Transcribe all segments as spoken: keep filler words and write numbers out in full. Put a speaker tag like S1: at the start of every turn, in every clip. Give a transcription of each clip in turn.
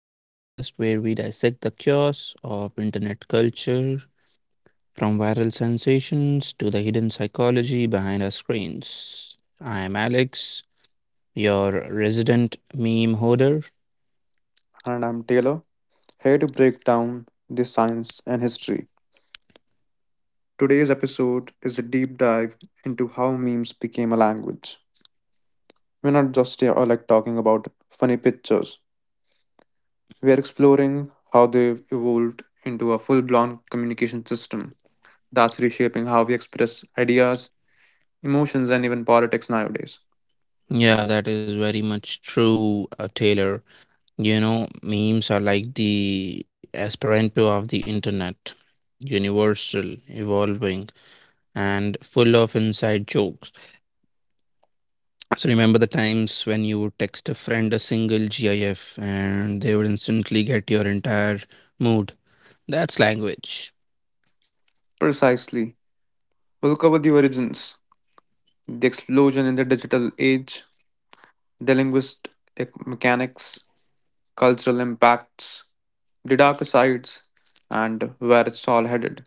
S1: the podcast where we dissect the chaos of internet culture, from viral sensations to the hidden psychology behind our screens. I am Alex, your resident meme hoarder.
S2: And I'm Taylor, here to break down the science and history. Today's episode is a deep dive into how memes became a language. We're not just here or like talking about funny pictures. We are exploring how they've evolved into a full blown communication system that's reshaping how we express ideas, emotions, and even politics nowadays.
S1: Yeah, that is very much true, uh, Taylor. You know, memes are like the Esperanto of the internet, universal, evolving, and full of inside jokes. So remember the times when you would text a friend a single GIF and they would instantly get your entire mood. That's language.
S2: Precisely. We'll cover the origins, the explosion in the digital age, the linguistic mechanics, cultural impacts, the darker sides, and where it's all headed.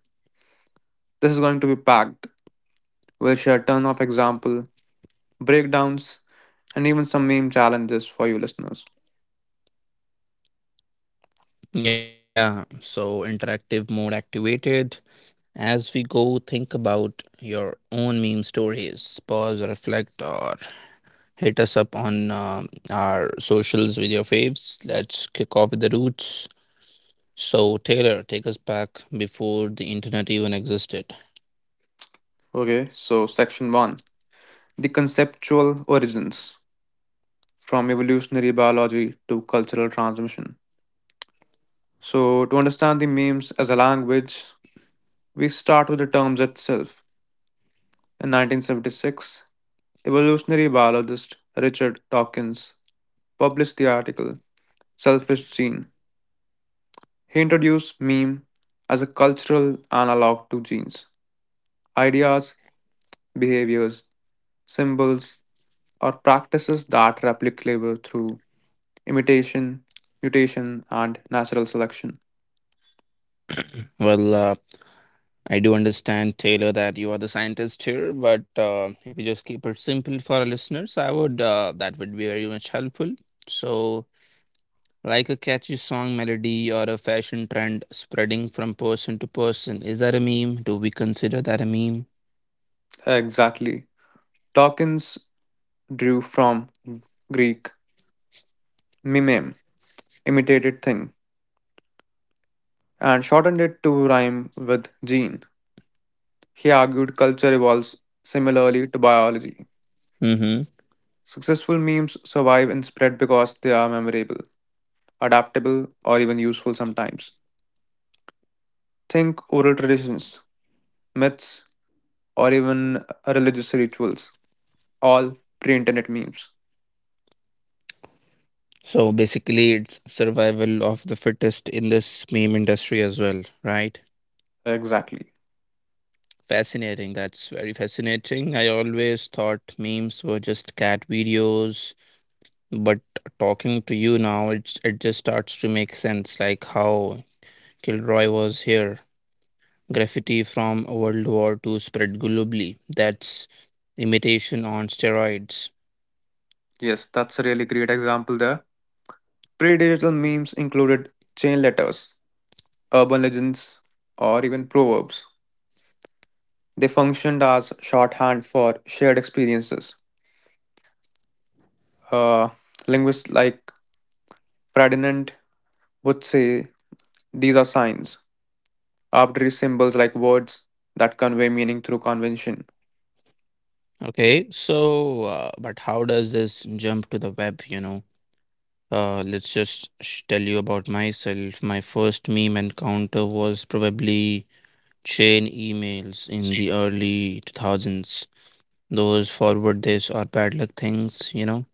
S2: This is going to be packed. We'll share a ton of example, breakdowns, and even some meme challenges for you listeners.
S1: Yeah. So interactive mode activated. As we go, think about your own meme stories. Pause, reflect, or hit us up on um our socials with your faves. Let's kick off with the roots. So Taylor, take us back before the internet even existed.
S2: Okay, so section one, the conceptual origins, from evolutionary biology to cultural transmission. So, to understand the memes as a language, we start with the terms itself. In nineteen seventy-six, evolutionary biologist Richard Dawkins published the article Selfish Gene. He introduced meme as a cultural analog to genes, ideas, behaviors, symbols, or practices that replicate labor through imitation, mutation, and natural selection.
S1: Well, uh, I do understand, Taylor, that you are the scientist here, but uh, if you just keep it simple for our listeners, I would uh, that would be very much helpful. So, like a catchy song melody or a fashion trend spreading from person to person, is that a meme? Do we consider that a meme?
S2: Exactly. Dawkins drew from Greek mimeme, imitated thing, and shortened it to rhyme with gene. He argued culture evolves similarly to biology.
S1: Mm-hmm.
S2: Successful memes survive and spread because they are memorable, adaptable, or even useful sometimes. Think oral traditions, myths, or even religious rituals, all pre internet memes.
S1: So basically, it's survival of the fittest in this meme industry as well, right?
S2: Exactly.
S1: Fascinating. That's very fascinating. I always thought memes were just cat videos. But talking to you now, it it just starts to make sense, like how Kilroy was here. Graffiti from World War Two spread globally. That's imitation on steroids.
S2: Yes, that's a really great example there. Pre-digital
S1: Mm.
S2: memes included chain letters, urban legends, or even proverbs. They functioned as shorthand for shared experiences. Uh, Linguists like Ferdinand would say these are signs, arbitrary symbols like words that convey meaning through convention.
S1: Okay, so uh, but how does this jump to the web, you know? Uh, let's just sh- tell you about myself. My first meme encounter was probably chain emails in the early two thousands. Those forward this or bad luck things, you know?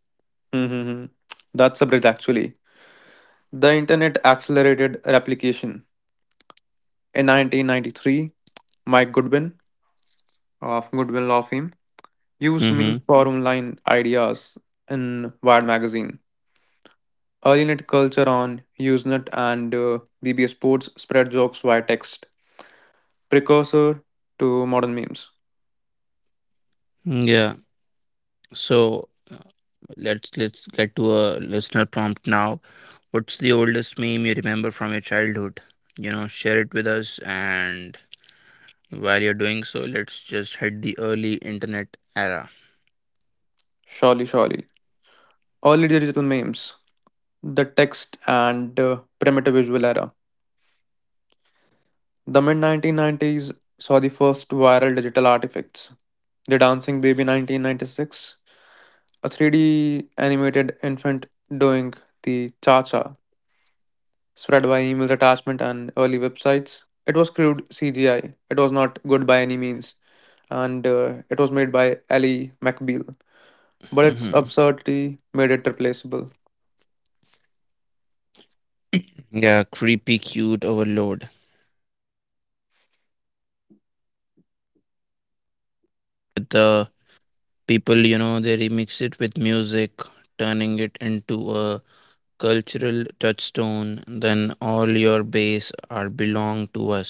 S2: Mhm. That's a bridge, actually. The internet accelerated replication. In nineteen ninety-three, Mike Goodwin of Goodwin Law Fame used me
S1: Mm-hmm.
S2: for online ideas in Wired magazine. Earlynet culture on Usenet and uh, B B S Sports spread jokes via text. Precursor to modern memes.
S1: Mm, yeah. So uh, let's let's get to a listener prompt now. What's the oldest meme you remember from your childhood? You know, share it with us. And while you're doing so, let's just hit the early internet era.
S2: Surely, surely. Early digital memes. The text and uh, primitive visual era. The mid nineteen nineties saw the first viral digital artifacts. The Dancing Baby nineteen ninety-six, a three D animated infant doing the cha cha spread by emails, attachment and early websites. It was crude C G I. It was not good by any means, and uh, it was made by Ali McBeal. But its
S1: Mhm.
S2: absurdity made it replaceable.
S1: Yeah, creepy, cute overload.
S3: The people you know, they remix it with music, turning it into a cultural touchstone. Then all your bass are belong to us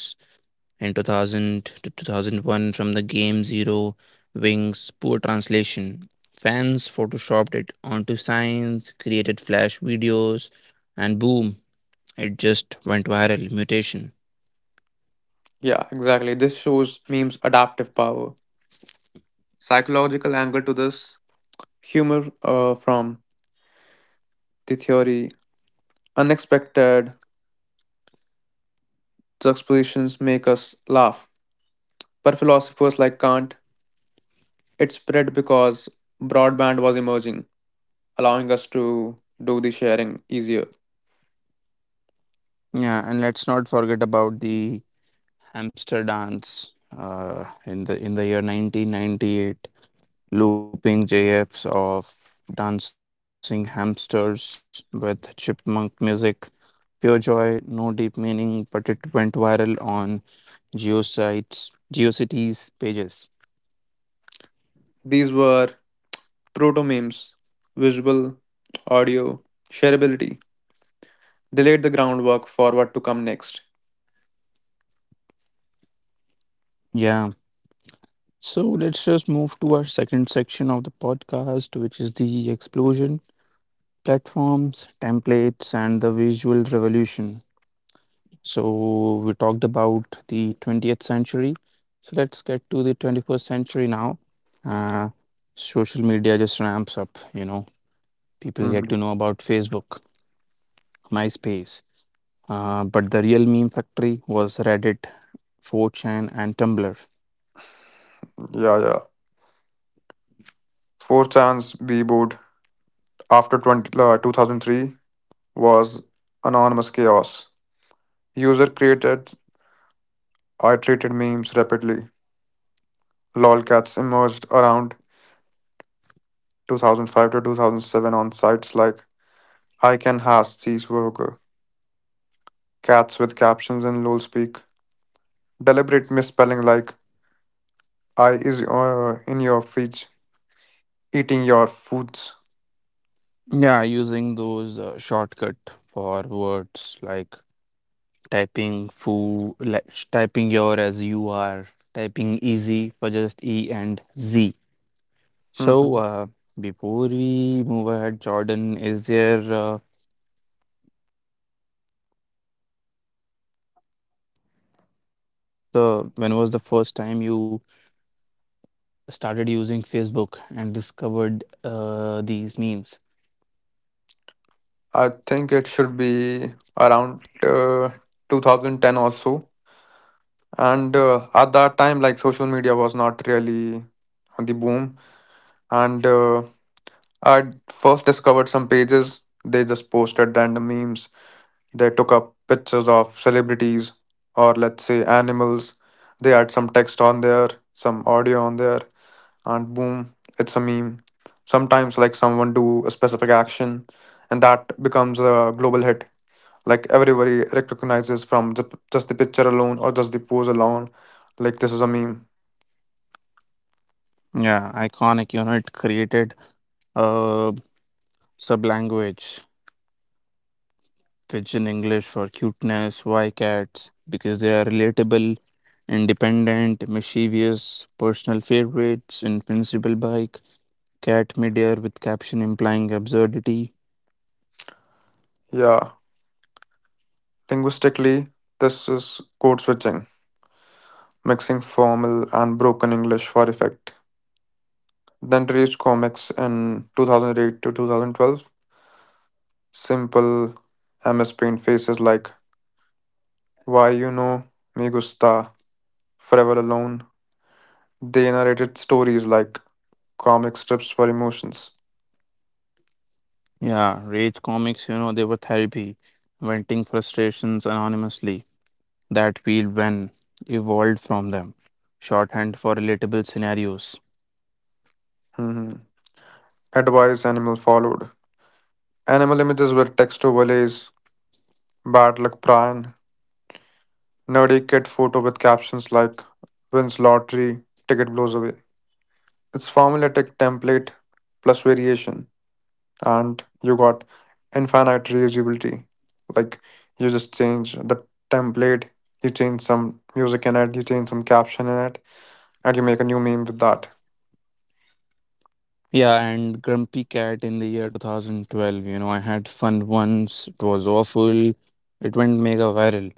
S3: in two thousand to two thousand one from the game zero wings poor translation fans photoshopped it onto signs, created flash videos, and boom, it just went viral mutation.
S2: Yeah, exactly. This shows memes' adaptive power. Psychological angle to this humor uh, from the theory. Unexpected juxtapositions make us laugh. But philosophers like Kant, it spread because broadband was emerging, allowing us to do the sharing easier.
S3: Yeah, and let's not forget about the Hamster Dance uh, in the in the year nineteen ninety-eight, looping J Fs of dancing hamsters with chipmunk music. Pure joy, no deep meaning, but it went viral on GeoSites, GeoCities pages.
S2: These were proto memes, visual, audio, shareability. They laid the groundwork for what to come next.
S3: Yeah. So let's just move to our second section of the podcast, which is the explosion, platforms, templates, and the visual revolution. So we talked about the twentieth century. So let's get to the twenty-first century now. Uh, Social media just ramps up, you know. People get
S2: Mhm.
S3: to know about Facebook, MySpace. Uh, but the real meme factory was Reddit, four chan, and Tumblr.
S2: Yeah, yeah. four chan's Bboot after twenty, uh, two thousand three was anonymous chaos. User created iterated memes rapidly. Lolcats emerged around two thousand five to two thousand seven on sites like Icon Has Cheeseburger, Cats with captions in LOL speak. Deliberate misspelling like I is uh, in your feed eating your foods.
S3: Yeah, using those uh, shortcut for words like typing foo, like sh- typing your as you are, typing easy for just E and Z. So,
S2: Mhm.
S3: uh, before we move ahead, Jordan, is there uh, the when was the first time you started using Facebook and discovered uh, these memes?
S2: I think it should be around uh, two thousand ten or so. And uh, at that time, like social media was not really on the boom. And uh, I first discovered some pages. They just posted random memes. They took up pictures of celebrities or let's say animals. They had some text on there, some audio on there. And boom, it's a meme. Sometimes, like someone do a specific action, and that becomes a global hit. Like everybody recognizes from the, just the picture alone or just the pose alone. Like this is a meme.
S3: Yeah, iconic. You know, it created a sublanguage, which in English for cuteness, why cats, because they are relatable, independent, mischievous, personal favorites, invincible bike, cat midair with caption implying absurdity.
S2: Yeah, linguistically, this is code switching, mixing formal and broken English for effect. Then reached comics in two thousand eight to two thousand twelve. Simple M S Paint faces like "Why you know me gusta," "Forever alone," they narrated stories like comic strips for emotions.
S3: Yeah, rage comics. You know, they were therapy, venting frustrations anonymously. That feel when evolved from them. Shorthand for relatable scenarios.
S2: Mhm. Advice animal followed. Animal images were text overlays, bad luck Brian, nerdy kid photo with captions like wins lottery, ticket blows away. It's formulaic template plus variation, and you got infinite reusability. Like you just change the template, you change some music in it, you change some caption in it, and you make a new meme with that.
S3: Yeah, and Grumpy Cat in the year twenty twelve. You know, I had fun once, it was awful, it went mega viral.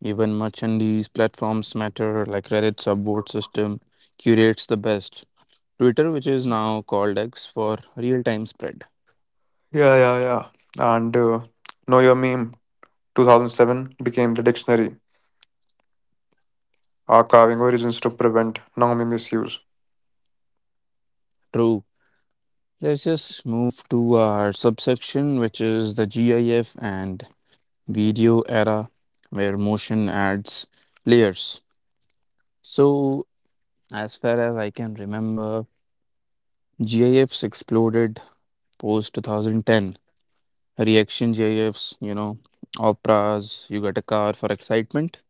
S3: Even much in these platforms matter, like Reddit subboard system curates the best. Twitter, which is now called X for real time spread.
S2: Yeah, yeah, yeah. And uh, Know Your Meme two thousand seven became the dictionary, archiving origins to prevent Naomi misuse.
S3: True. Let's just move to our subsection, which is the GIF and video era where motion adds layers. So, as far as I can remember, GIFs exploded post two thousand ten. Reaction GIFs, you know, operas, you got a car for excitement.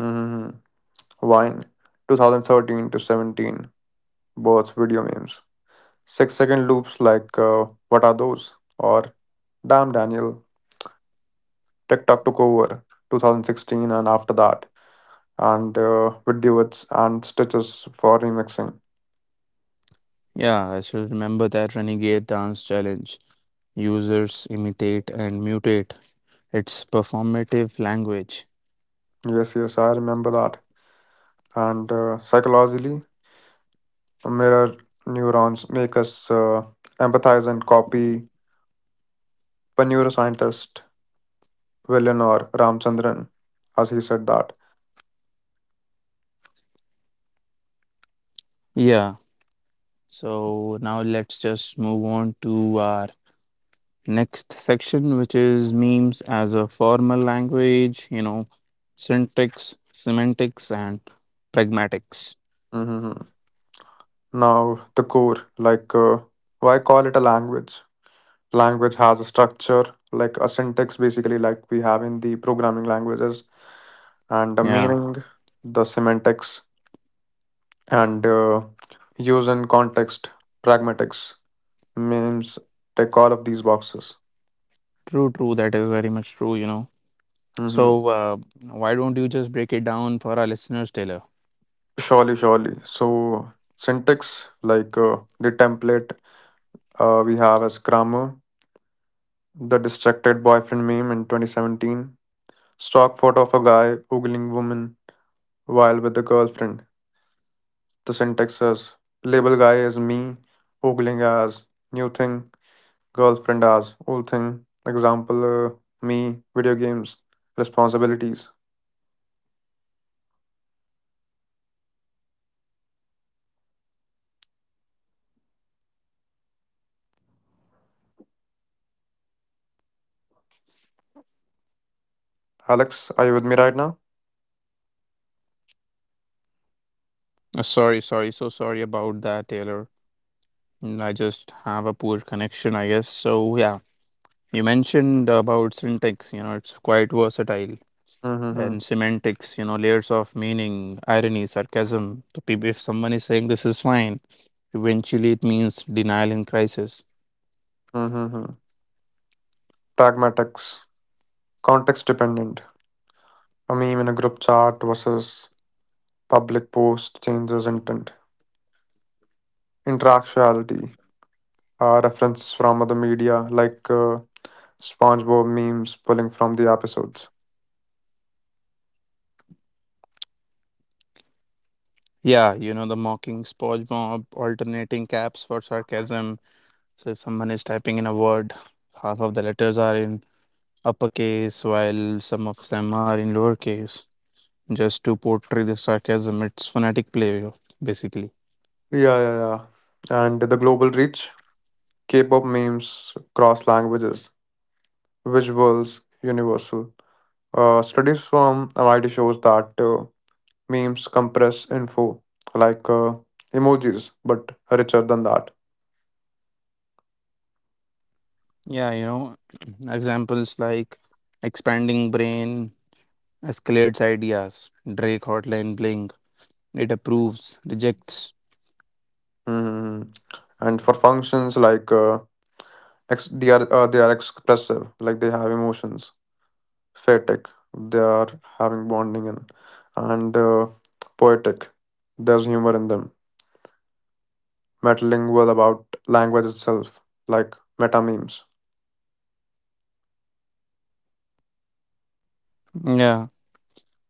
S2: hmm Wine two thousand thirteen to seventeen births video memes. Six second loops like uh, What Are Those? Or Damn Daniel. TikTok took over twenty sixteen and after that. And uh, with duets and stitches for remixing.
S3: Yeah, I still remember that Renegade Dance Challenge. Users imitate and mutate. It's performative language.
S2: Yes, yes, I remember that. And uh, psychologically, mirror neurons make us uh, empathize and copy. But neuroscientist Villanor Ramchandran, as he said that.
S3: Yeah, so now let's just move on to our next section, which is memes as a formal language, you know, syntax, semantics, and pragmatics.
S2: hmm Now the core, like uh, why call it a language? Language has a structure, like a syntax, basically, like we have in the programming languages, and the
S3: Yeah,
S2: meaning, the semantics, and uh, use and context, pragmatics, memes, take all of these boxes.
S3: true, true. That is very much true, you know.
S2: hmm
S3: So, uh, why don't you just break it down for our listeners, Taylor?
S2: Surely, surely. So syntax, like uh, the template uh, we have as grammar, the distracted boyfriend meme in twenty seventeen, stock photo of a guy ogling woman while with the girlfriend. The syntax is label guy as me, ogling as new thing, girlfriend as old thing. Example, uh, me, video games, responsibilities. Alex, are you with me right now?
S3: Uh, sorry, sorry. so sorry about that, Taylor. Mm, I just have a poor connection, I guess. So, yeah, you mentioned about syntax, you know, it's quite versatile.
S2: Mm-hmm.
S3: Then semantics, you know, layers of meaning, irony, sarcasm. To people, if someone is saying this is fine, eventually it means denial in crisis.
S2: Mm-hmm. Pragmatics, context dependent. A meme in a group chat versus public post changes intent. Interactuality. Uh, references from other media like uh, SpongeBob memes pulling from the episodes.
S3: Yeah, you know, the mocking SpongeBob, alternating caps for sarcasm. So if someone is typing in a word, half of the letters are in uppercase while some of them are in lowercase. Just to portray the sarcasm, it's phonetic play of- basically.
S2: Yeah, yeah, yeah. And the global reach, K-pop memes cross languages, visuals universal. Uh, studies from M I T shows that uh, memes compress info like uh, emojis, but richer than that.
S3: Yeah, you know, examples like expanding brain escalates ideas, Drake hotline bling, it approves, rejects.
S2: hmm And for functions like uh, Ex- they are uh, they are expressive, like they have emotions. Faetic, they are having bonding and and uh, poetic. There's humor in them. Metalingual about language itself, like meta memes.
S3: Yeah,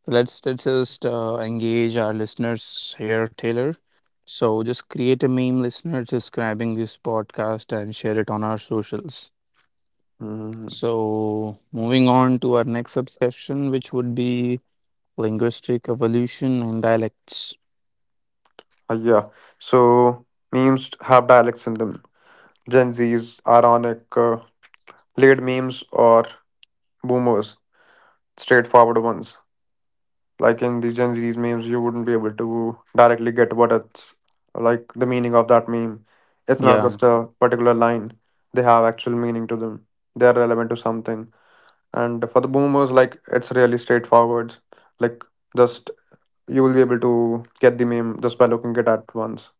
S3: so let's, let's just uh, engage our listeners here, Taylor. So just create a meme, listener, describing this podcast and share it on our socials.
S2: Mm,
S3: So moving on to our next subsection, which would be linguistic evolution and dialects.
S2: uh, yeah, so memes have dialects in them. Gen Z's ironic, uh, laid memes or boomers, straightforward ones. Like in the Gen Z's memes, you wouldn't be able to directly get what it's like the meaning of that meme. It's not
S3: Yeah,
S2: just a particular line. They have actual meaning to them. They are relevant to something. And for the boomers, like it's really straightforward. Like just you will be able to get the meme just by looking it at once.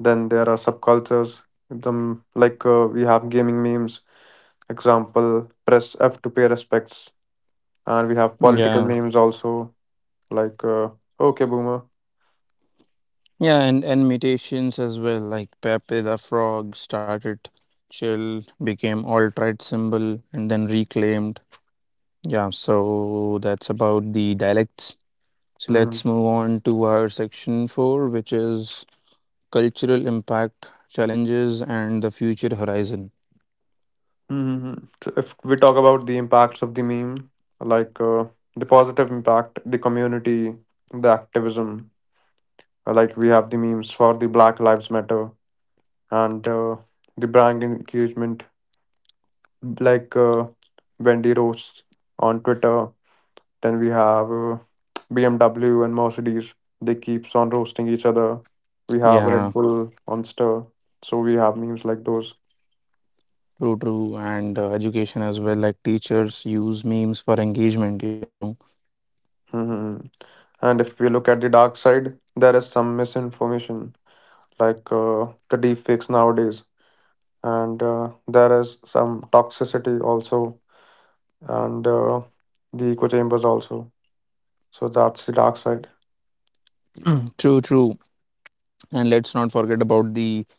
S2: Then there are subcultures. Them like uh, we have gaming memes. Example: press F to pay respects, and we have
S3: yeah,
S2: political memes also. Like uh, okay, boomer.
S3: yeah, and and mutations as well. Like Pepe the Frog started chill, became alt right symbol, and then reclaimed. Yeah, so that's about the dialects. So let's
S2: Mhm.
S3: move on to our section four, which is cultural impact, challenges, and the future horizon.
S2: Mhm, mhm. So if we talk about the impacts of the meme, like uh, the positive impact, the community, the activism, uh, like we have the memes for the Black Lives Matter and uh, the brand engagement, like uh, Wendy Rose on Twitter. Then we have uh, B M W and Mercedes. They keeps on roasting each other. We have Red
S3: Yeah,
S2: Bull on Stir. So we have memes like those.
S3: true, true. And uh, education as well, like teachers use memes for engagement, you know.
S2: hmm And if we look at the dark side, there is some misinformation, like uh, the deep fakes nowadays, and uh, there is some toxicity also, and uh, the echo chambers also. So that's the dark side.
S3: True, true. And let's not forget about the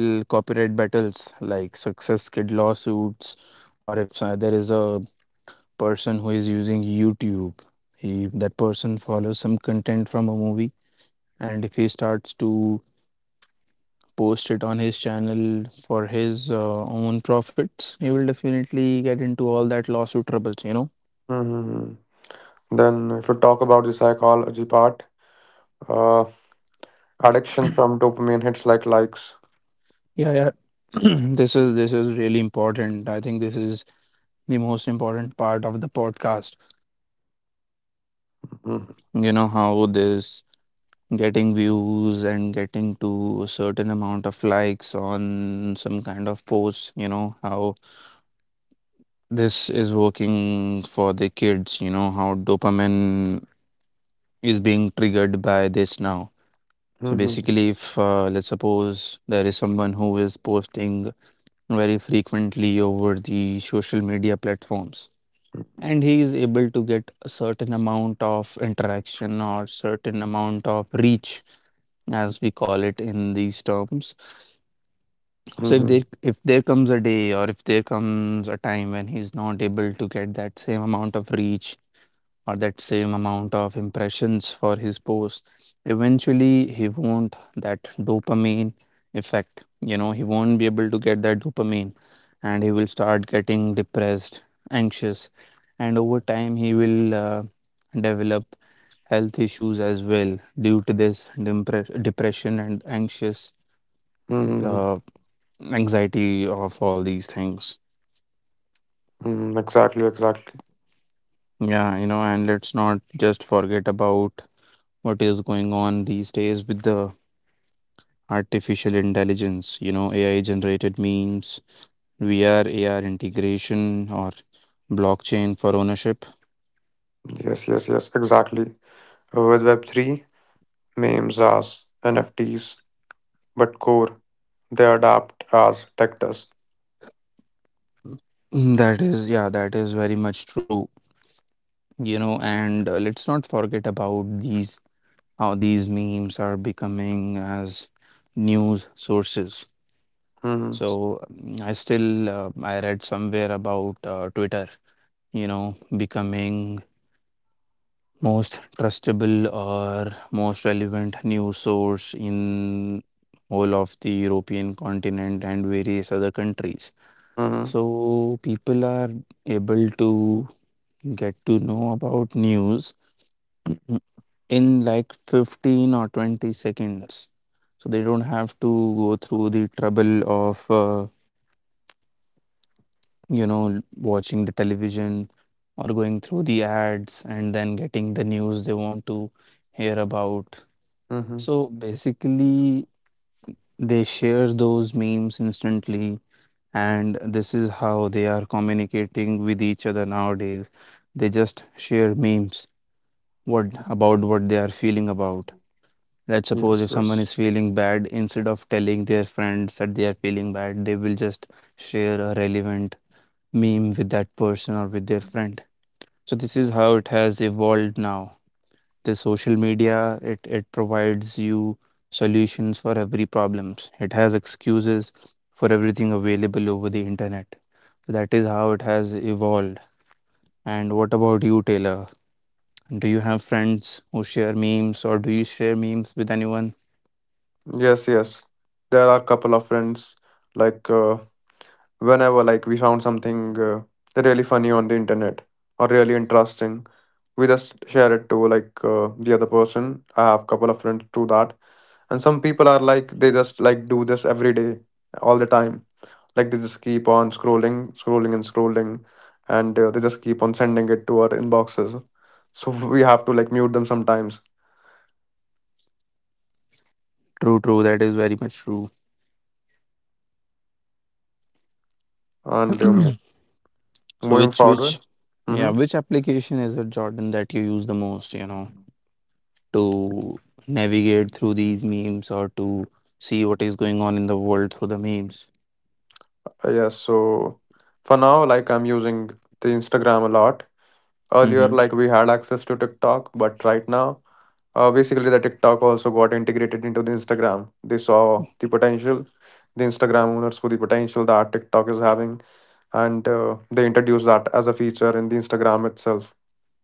S3: l- copyright battles like Success Kid lawsuits, or if uh, there is a person who is using YouTube, he, that person follows some content from a movie, and if he starts to post it on his channel for his uh, own profits, he will definitely get into all that lawsuit troubles, you know.
S2: hmm Then, if you talk about the psychology part, uh, addiction from dopamine hits like likes.
S3: Yeah, yeah. this is this is really important. I think this is the most important part of the podcast. You know how this getting views and getting to a certain amount of likes on some kind of post, you know, how this is working for the kids, you know, how dopamine is being triggered by this now. So
S2: Mm-hmm.
S3: basically, if uh, let's suppose there is someone who is posting very frequently over the social media platforms, and he is able to get a certain amount of interaction or certain amount of reach, as we call it in these terms. So if
S2: Hmm.
S3: there if there comes a day or if there comes a time when he's not able to get that same amount of reach or that same amount of impressions for his post, eventually he won't that dopamine effect. You know, he won't be able to get that dopamine and he will start getting depressed, anxious, and over time he will uh, develop health issues as well due to this depre- depression and anxious
S2: Hmm.
S3: uh, anxiety of all these things.
S2: Exactly, exactly.
S3: Yeah, you know, and let's not just forget about what is going on these days with the artificial intelligence, you know, A I generated memes, V R, A R integration, or blockchain for ownership.
S2: Yes, yes, yes, exactly. With web three, memes as N F Ts, but core they adapt as tech dust.
S3: Mm, that is, yeah, that is very much true, you know, and uh, let's not forget about these, how these memes are becoming as news sources.
S2: Hmm.
S3: So mm, I still, uh, I read somewhere about uh, Twitter, you know, becoming most trustable or most relevant news source in whole of the European continent and various other countries.
S2: Hmm.
S3: So people are able to get to know about news in like fifteen or twenty seconds. So they don't have to go through the trouble of uh, you know watching the television or going through the ads and then getting the news they want to hear about. So
S2: Hmm.
S3: basically, they share those memes instantly, and this is how they are communicating with each other nowadays. They just share memes what about what they are feeling about. Let's suppose
S2: Yes,
S3: if someone
S2: yes,
S3: is feeling bad, instead of telling their friends that they are feeling bad, they will just share a relevant meme with that person or with their friend. So this is how it has evolved now. The social media it, it provides you solutions for every problems, it has excuses for everything available over the internet. That is how it has evolved. And what about you, Taylor? Do you have friends who share memes, or do you share memes with anyone?
S2: yes, yes. There are a couple of friends like uh, whenever like we found something uh, really funny on the internet or really interesting, we just share it to like uh, the other person. I have a couple of friends do that, and some people are like they just like do this every day all the time, like they just keep on scrolling, scrolling, and scrolling, and uh, they just keep on sending it to our inboxes, so we have to like mute them sometimes.
S3: True, true, that is very much true.
S2: and um,
S3: So
S2: moving
S3: which
S2: forward.
S3: which
S2: Mm-hmm.
S3: yeah, which application is it, Jordan, that you use the most, you know, to navigate through these memes or to see what is going on in the world through the memes?
S2: Yes, so for now, like I'm using the Instagram a lot. Earlier,
S3: Mm-hmm.
S2: like we had access to TikTok, but right now, Uh, basically, the TikTok also got integrated into the Instagram. They saw the potential. The Instagram owners saw the potential that TikTok is having, and uh, they introduced that as a feature in the Instagram itself,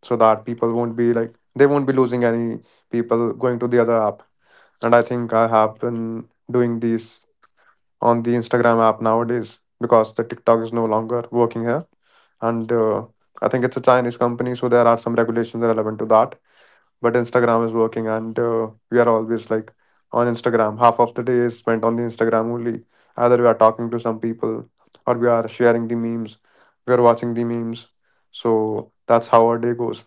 S2: so that people won't be like they won't be losing any people going to the other app. And I think I have been doing these on the Instagram app nowadays because the TikTok is no longer working here, and uh, I think it's a Chinese company, so there are some regulations relevant to that, but Instagram is working, and uh, we are always like on Instagram, half of the day is spent on the Instagram only, either we are talking to some people, or we are sharing the memes, we are watching the memes. So that's how our day goes.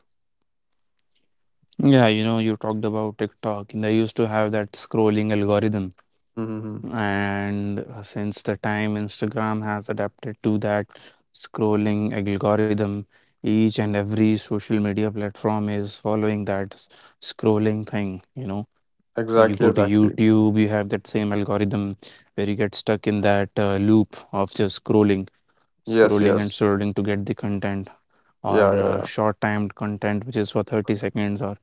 S3: Yeah, you know, you talked about TikTok. They used to have that scrolling algorithm.
S2: Mm-hmm.
S3: And uh, since the time Instagram has adapted to that scrolling algorithm, each and every social media platform is following that s- scrolling thing. You know, Uh, you
S2: Exactly,
S3: go to
S2: exactly.
S3: YouTube, you have that same algorithm where you get stuck in that uh, loop of just scrolling,
S2: Yes,
S3: scrolling and
S2: yes.
S3: scrolling to get the content or
S2: Yeah, yeah,
S3: uh,
S2: yeah.
S3: short-timed content, which is for thirty seconds or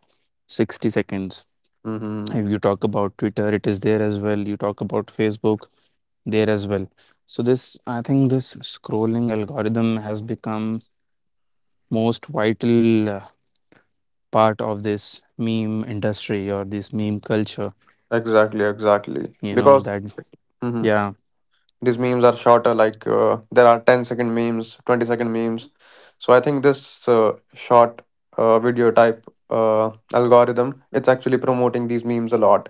S3: sixty seconds.
S2: Mm-hmm.
S3: If you talk about Twitter, it is there as well. You talk about Facebook, there as well. So this, I think, this scrolling algorithm has become most vital uh, part of this meme industry or this meme culture.
S2: Exactly, exactly,
S3: You know
S2: because
S3: that,
S2: Mhm.
S3: yeah,
S2: These memes are shorter, like uh, there are ten second memes, twenty second memes. So I think this uh, short uh, video type uh, algorithm, it's actually promoting these memes a lot.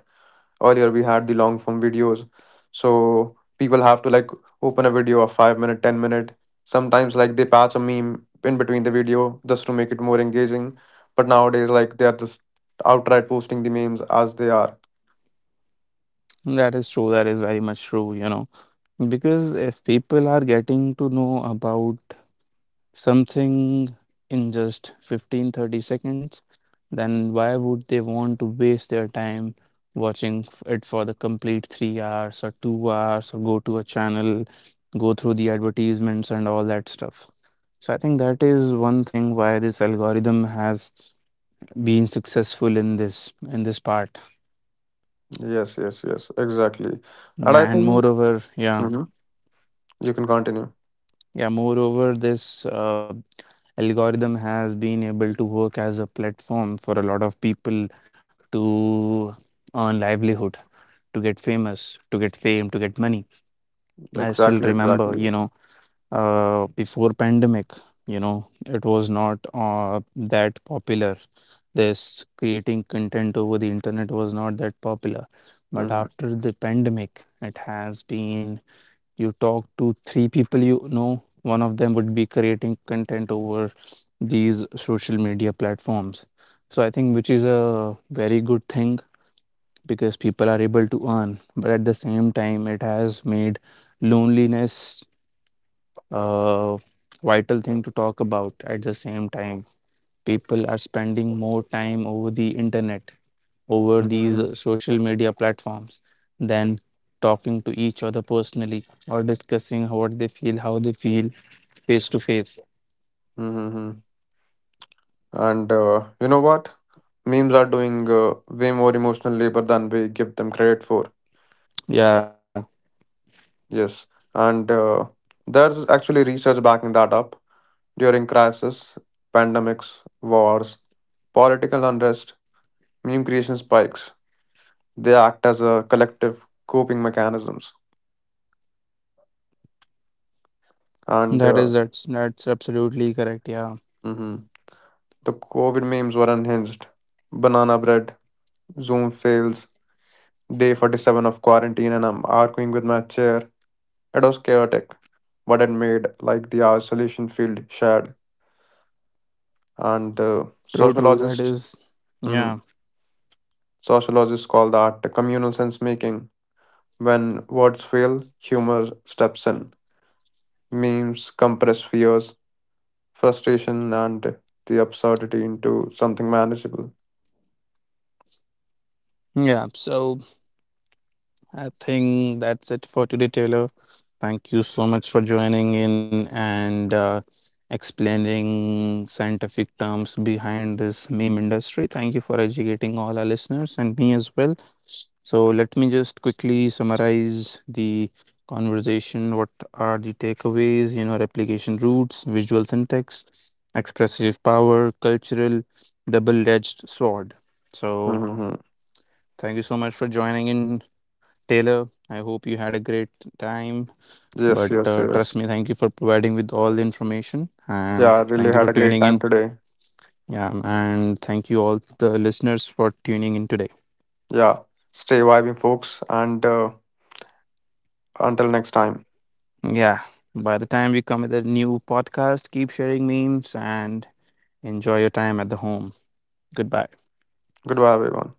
S2: Earlier we had the long form videos. So people have to like open a video of five minute, ten minute. Sometimes like they patch a meme in between the video just to make it more engaging. But nowadays like they are just outright posting the memes as they are.
S3: that is true. That is very much true. You know because if people are getting to know about something in just fifteen thirty seconds, then why would they want to waste their time watching f- it for the complete three hours or two hours or go to a channel, go through the advertisements and all that stuff? So I think that is one thing why this algorithm has been successful in this in this part.
S2: Yes, yes, yes, exactly. And I
S3: Yeah, and
S2: think,
S3: moreover, yeah,
S2: Mhm, you can continue.
S3: yeah, moreover, this uh, algorithm has been able to work as a platform for a lot of people to earn livelihood, to get famous, to get fame, to get money. I still
S2: Exactly,
S3: remember,
S2: exactly.
S3: you know, uh, before pandemic, you know, it was not uh, that popular. This creating content over the internet was not that popular. But
S2: Mm-hmm.
S3: after the pandemic, it has been you talk to three people you know, one of them would be creating content over these social media platforms. So I think which is a very good thing because people are able to earn, but at the same time it has made loneliness a vital thing to talk about. At the same time, people are spending more time over the internet, over these uh,
S2: Mm-hmm.
S3: social media platforms than talking to each other personally or discussing what they feel, how they feel face to face.
S2: Mm-hmm. Mm-hmm. And uh, you know what? Memes are doing uh, way more emotional labor than we give them credit for.
S3: Yeah,
S2: Yes. And uh, there's actually research backing that up. During crisis, pandemics, wars, political unrest, meme creation spikes. They act as a collective coping mechanisms. And
S3: that is
S2: uh,
S3: that's that's absolutely correct, yeah.
S2: mhm, the COVID memes were unhinged. Banana bread, Zoom fails, Day forty-seven of quarantine, and I'm arguing with my chair. It was chaotic, but it made like the isolation field shared. And uh,
S3: true true that
S2: sociologists,
S3: is yeah.
S2: mhm, sociologists call that the communal sense making. When words fail, humor steps in. Memes compress fears, frustration, and the absurdity into something manageable.
S3: Yeah, so I think that's it for today, Taylor. Thank you so much for joining in and uh, explaining scientific terms behind this meme industry. Thank you for educating all our listeners and me as well. So, let me just quickly summarize the conversation. What are the takeaways? You know, replication roots, visual syntax, expressive power, cultural double edged sword. So,
S2: Hmm.
S3: thank you so much for joining in, Taylor, I hope you had a great time. But
S2: Yes, yes,
S3: uh, trust
S2: yes.
S3: me, thank you for providing with all the information and
S2: Yeah, I
S3: thank
S2: really
S3: you for
S2: had a
S3: tuning
S2: great
S3: in.
S2: time today.
S3: Yeah, and thank you all the listeners for tuning in today.
S2: Yeah, stay vibing, folks, and uh, until next time.
S3: Yeah, by the time we come with a new podcast, keep sharing memes and enjoy your time at the home. Goodbye.
S2: Goodbye, everyone.